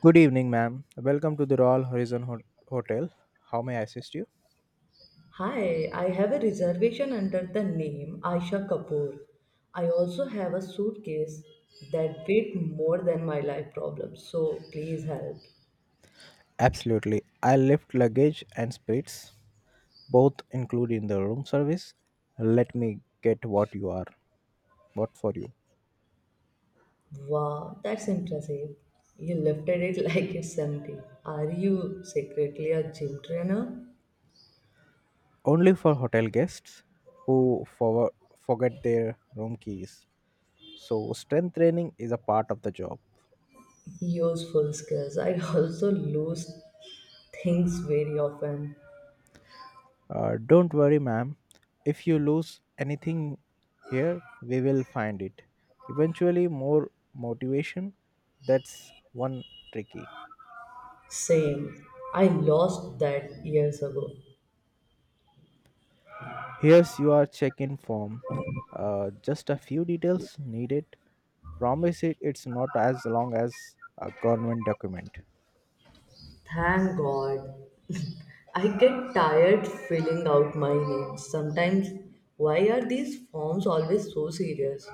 Good evening, ma'am. Welcome to the Royal Horizon Hotel. How may I assist you? Hi, I have a reservation under the name Aisha Kapoor. I also have a suitcase that weighed more than my life problem, so please help. Absolutely. I left luggage and spirits, both included in the room service. Let me get what you are. What for you? Wow, that's impressive. You lifted it like it's empty. Are you secretly a gym trainer? Only for hotel guests who forget their room keys. So, strength training is a part of the job. Useful skills. I also lose things very often. Don't worry, ma'am. If you lose anything here, we will find it. Eventually, more motivation. That's one tricky. Same. I lost that years ago. Here's your check-in form. Just a few details needed. Promise it's not as long as a government document. Thank God. I get tired filling out my name. Sometimes, why are these forms always so serious?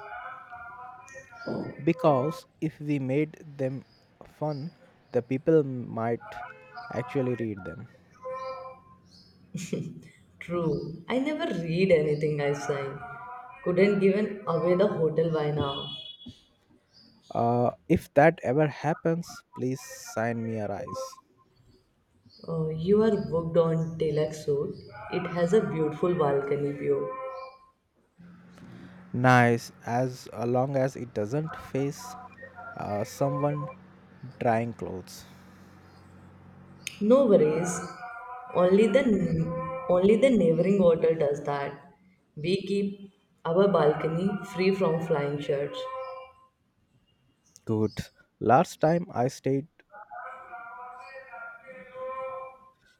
Because if we made them fun, the people might actually read them. True, I never read anything I sign. Couldn't given away the hotel by now. If that ever happens, please sign me a rise. You are booked on Telexur. It has a beautiful balcony view. Nice, as long as it doesn't face someone drying clothes. No worries. Only the only the neighboring hotel does that. We keep our balcony free from flying shirts. Good. Last time I stayed,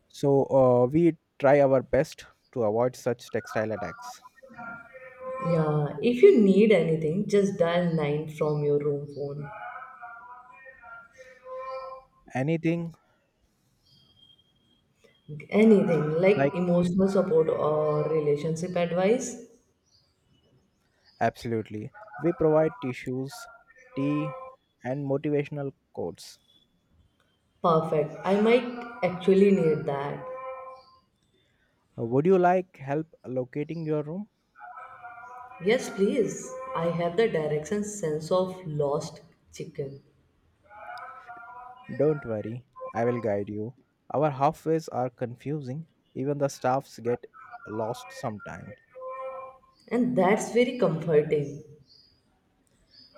we try our best to avoid such textile attacks. Yeah, if you need anything, just dial 9 from your room phone. Anything Anything like like emotional support or relationship advice. absolutely. We provide tissues, tea, and motivational quotes. Perfect. I might actually need that. Would you like help locating your room? Yes, please. I have the direction sense of lost chicken. Don't worry, I will guide you. Our halfways are confusing, even the staffs get lost sometimes. And that's very comforting.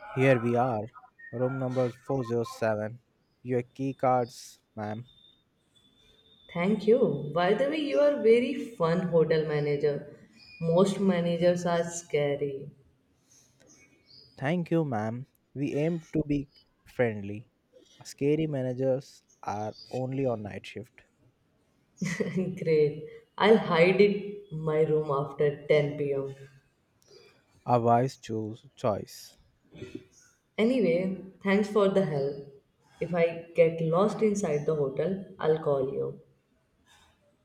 Here we are, room number 407. Your key cards, ma'am. Thank you. By the way, you are very fun hotel manager. Most managers are scary. Thank you, ma'am. We aim to be friendly. Scary managers are only on night shift. Great. I'll hide it my room after 10 p.m. A wise choose choice. Anyway, thanks for the help. If I get lost inside the hotel, I'll call you.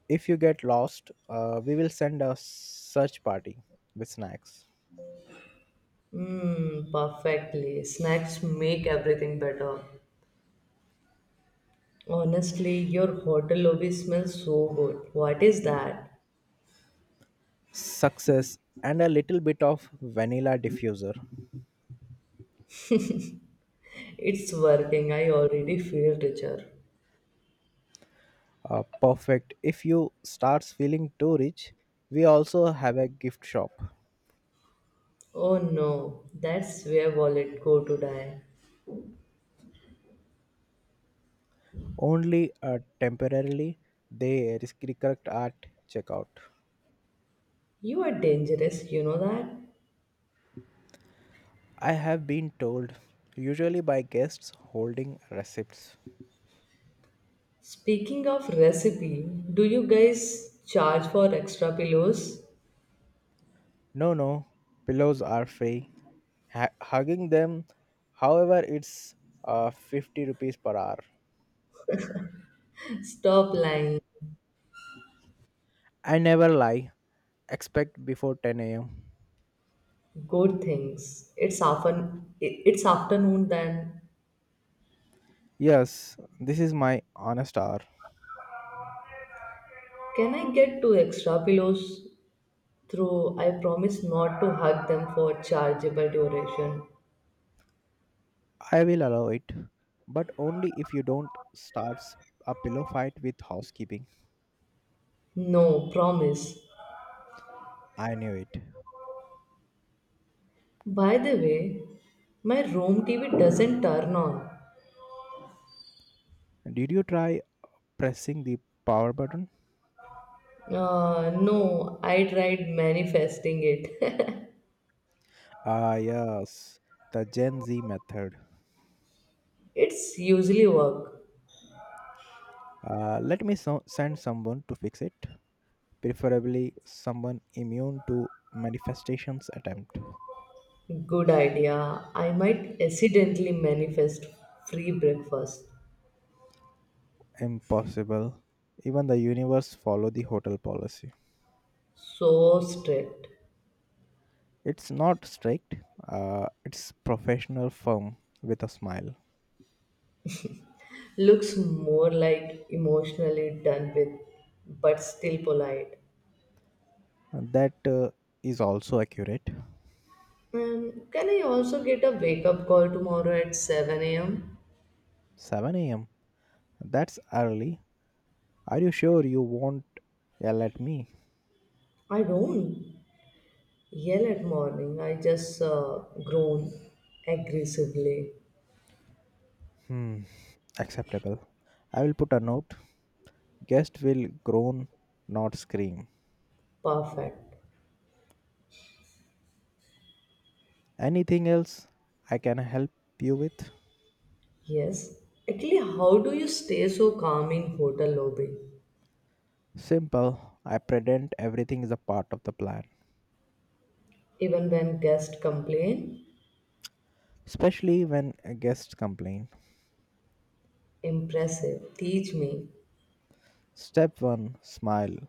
If you get lost, we will send a search party with snacks, Mmm, perfectly. Snacks make everything better. Honestly, your hotel lobby smells so good. What is that? success, and a little bit of vanilla diffuser. It's working. I already feel richer. Perfect. If you starts feeling too rich, we also have a gift shop. Oh no, that's where wallet go to die. Only temporarily they restrict at checkout. You are dangerous, you know that? I have been told, usually by guests holding receipts. Speaking of recipe, do you guys charge for extra pillows? No, no, pillows are free. Hugging them, however, it's 50 rupees per hour. Stop lying. I never lie. Expect before 10 a.m. Good things. It's often it- it's afternoon then. Yes, this is my honest hour. Can I get two extra pillows? Through I promise not to hug them for chargeable duration. I will allow it, but only if you don't start a pillow fight with housekeeping. No, promise. I knew it. By the way, my room TV doesn't turn on. Did you try pressing the power button? No, I tried manifesting it. Ah, yes, the Gen Z method. It's usually work. Let me send someone to fix it, preferably someone immune to manifestations attempt. Good idea. I might accidentally manifest free breakfast. Impossible. Even the universe follow the hotel policy. So strict. It's not strict. It's professional firm with a smile. Looks more like emotionally done with, but still polite. And that is also accurate. Can I also get a wake up call tomorrow at 7 a.m.? 7 a.m. That's early. Are you sure you won't yell at me? I don't yell at morning, I just groan aggressively. Hmm. Acceptable. I will put a note. Guest will groan, not scream. Perfect. Anything else I can help you with? Yes. Actually, how do you stay so calm in hotel lobby? Simple. I pretend everything is a part of the plan, Even when guests complain? especially when guests complain. Impressive. Teach me Step 1, smile.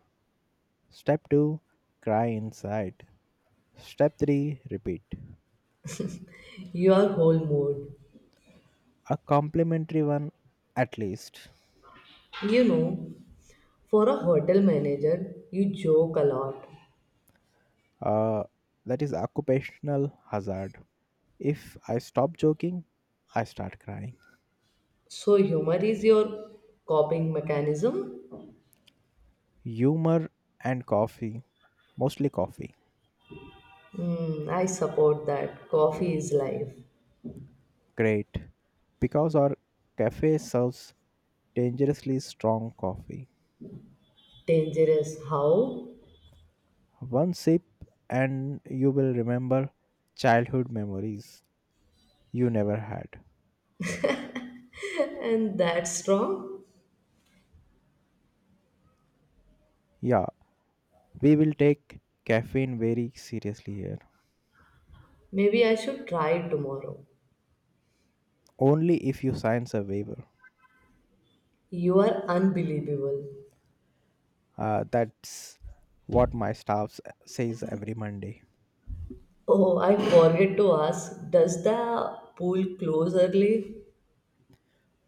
Step 2, cry inside. Step 3, repeat. your whole mood. A complimentary one, at least. You know, For a hotel manager, you joke a lot. Uh, that is occupational hazard. If I stop joking, I start crying. So, humor is your coping mechanism? Humor and coffee, mostly coffee. I support that. Coffee is life. Great, because our cafe serves dangerously strong coffee. Dangerous. How? One sip, and you will remember childhood memories you never had. And that's strong? Yeah, we will take caffeine very seriously here. Maybe I should try tomorrow. Only if you sign a waiver. You are unbelievable. That's what my staff says every Monday. Oh, I forget to ask. Does the pool close early?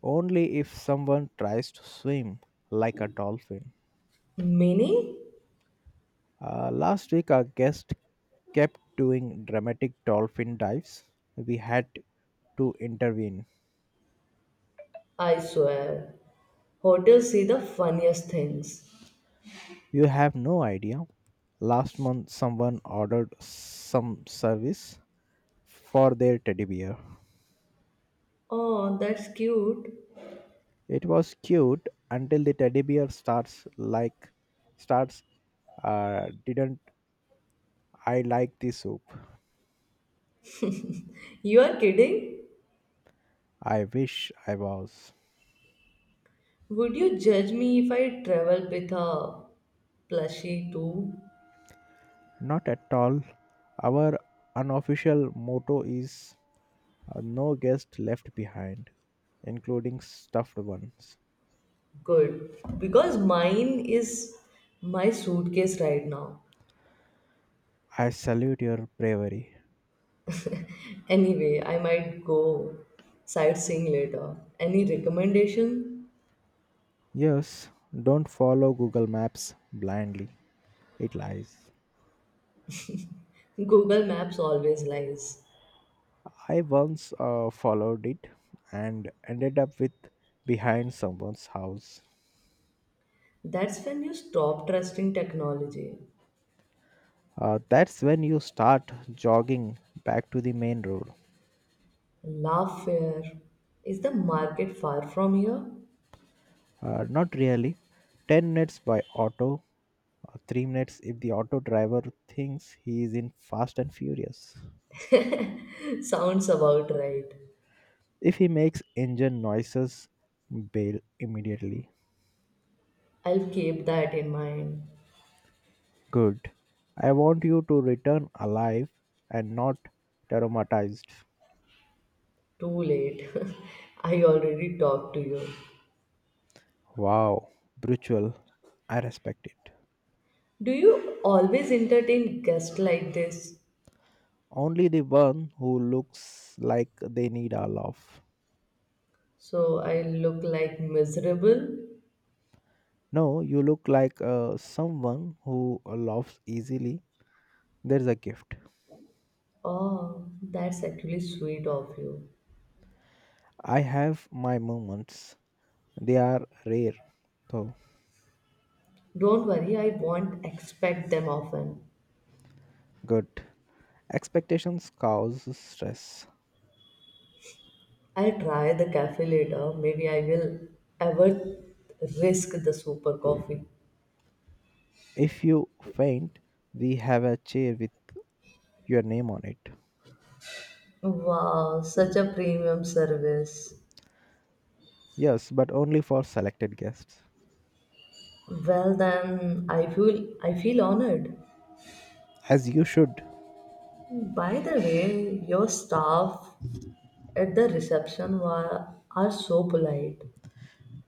Only if someone tries to swim like a dolphin. Mini? Last week, our guest kept doing dramatic dolphin dives. We had to intervene. I swear. Hotels see the funniest things. You have no idea. Last month, someone ordered some service for their teddy bear. Oh, that's cute. It was cute until the teddy bear starts. Didn't I like the soup? You are kidding? I wish I was. Would you judge me if I traveled with a plushie too? Not at all. Our unofficial motto is, no guest left behind, including stuffed ones. Good. Because mine is my suitcase right now. I salute your bravery. Anyway, I might go sightseeing later. Any recommendation? Yes, don't follow Google Maps blindly. It lies. Google Maps always lies. I once followed it and ended up with behind someone's house. That's when you stop trusting technology. That's when you start jogging back to the main road. Laughfare. Is the market far from here? Not really. 10 minutes by auto, 3 minutes if the auto driver thinks he is in Fast and Furious. Sounds about right. If he makes engine noises, bail immediately. I'll keep that in mind. Good. I want you to return alive and not traumatized. Too late. I already talked to you. Wow, brutal. I respect it. Do you always entertain guests like this? Only the one who looks like they need a laugh. So I look like miserable? No, you look like someone who laughs easily. There's a gift. Oh, that's actually sweet of you. I have my moments. They are rare, though. Don't worry, I won't expect them often. Good. Expectations cause stress. I'll try the cafe later. Maybe I will ever risk the super coffee. If you faint, we have a chair with your name on it. Wow, such a premium service. Yes, but only for selected guests. Well then, I feel honored. As you should. By the way, your staff at the reception are so polite.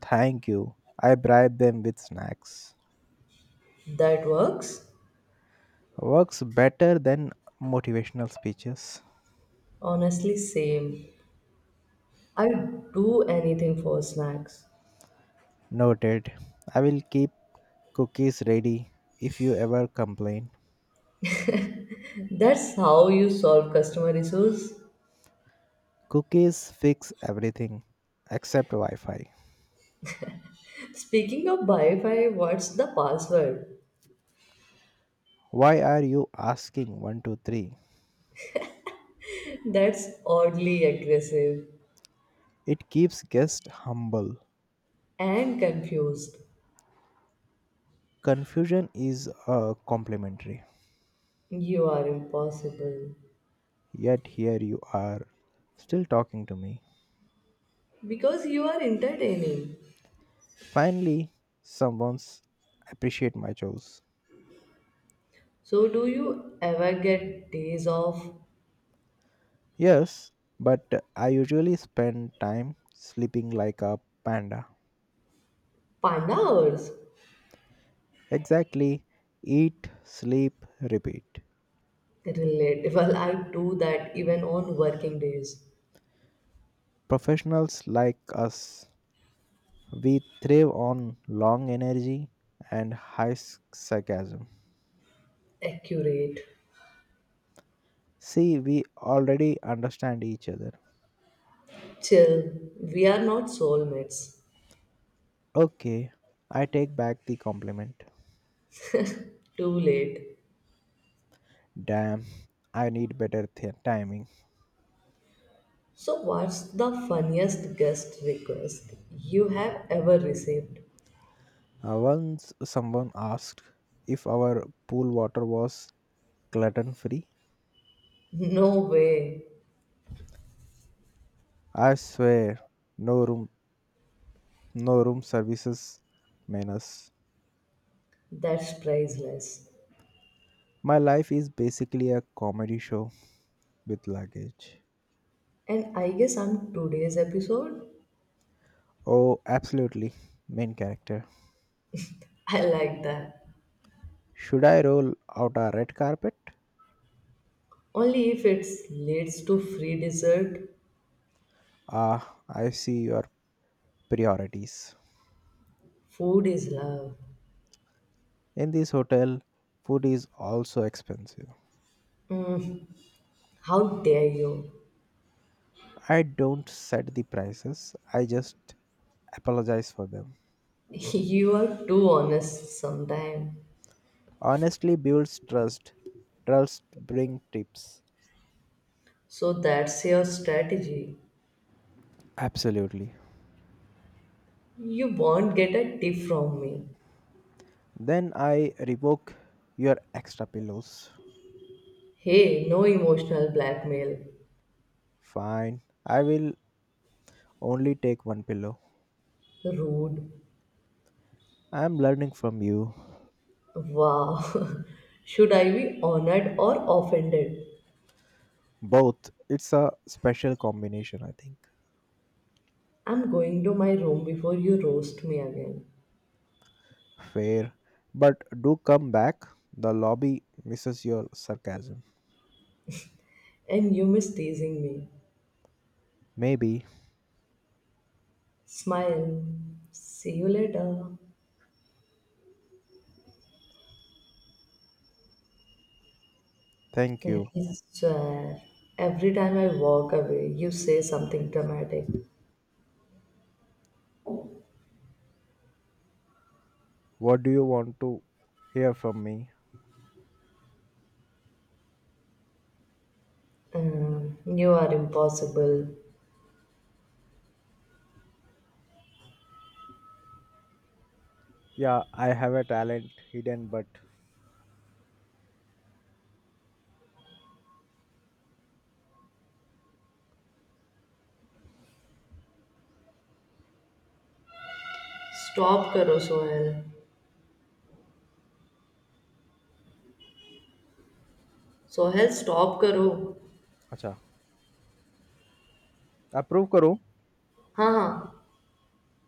Thank you. I bribe them with snacks. That works. Works better than motivational speeches. Honestly, same. I do anything for snacks. Noted. I will keep cookies ready if you ever complain. That's how you solve customer issues. Cookies fix everything except Wi Fi. Speaking of Wi-Fi, what's the password? Why are you asking 123? That's oddly aggressive It keeps guests humble. and confused. Confusion is complimentary. You are impossible Yet here you are, still talking to me. because you are entertaining. Finally, someone's appreciate my chores. So, do you ever get days of Yes, but I usually spend time sleeping like a panda. panda hours? Exactly, eat, sleep, repeat. Relatable. I do that even on working days. Professionals like us, we thrive on long energy and high sarcasm. Accurate. See, we already understand each other. Chill. We are not soulmates. Okay, I take back the compliment. Too late. Damn, I need better timing. So, what's the funniest guest request you have ever received? Once someone asked if our pool water was gluten free. No way. I swear, no room, no room services menace. That's priceless. My life is basically a comedy show with luggage. And I guess I'm today's episode. Oh, absolutely, main character. I like that. Should I roll out a red carpet? Only if it leads to free dessert. Ah, I see your priorities. Food is love. In this hotel, food is also expensive. Mm, how dare you? I don't set the prices, I just apologize for them. You are too honest sometimes. Honestly builds trust. Trust bring tips. So that's your strategy. Absolutely. You won't get a tip from me. Then I revoke your extra pillows. Hey, no emotional blackmail. Fine. I will only take one pillow. Rude. I am learning from you. Wow. Should I be honored or offended? Both. It's a special combination, I think. I'm going to my room before you roast me again. Fair. But do come back. The lobby misses your sarcasm. And you miss teasing me. Maybe. Smile. See you later. Thank I you. swear. Every time I walk away, you say something dramatic. What do you want to hear from me? You are impossible. Yeah I have a talent hidden but Stop, Carousel. Sohail stop करो अच्छा approve करो हाँ हाँ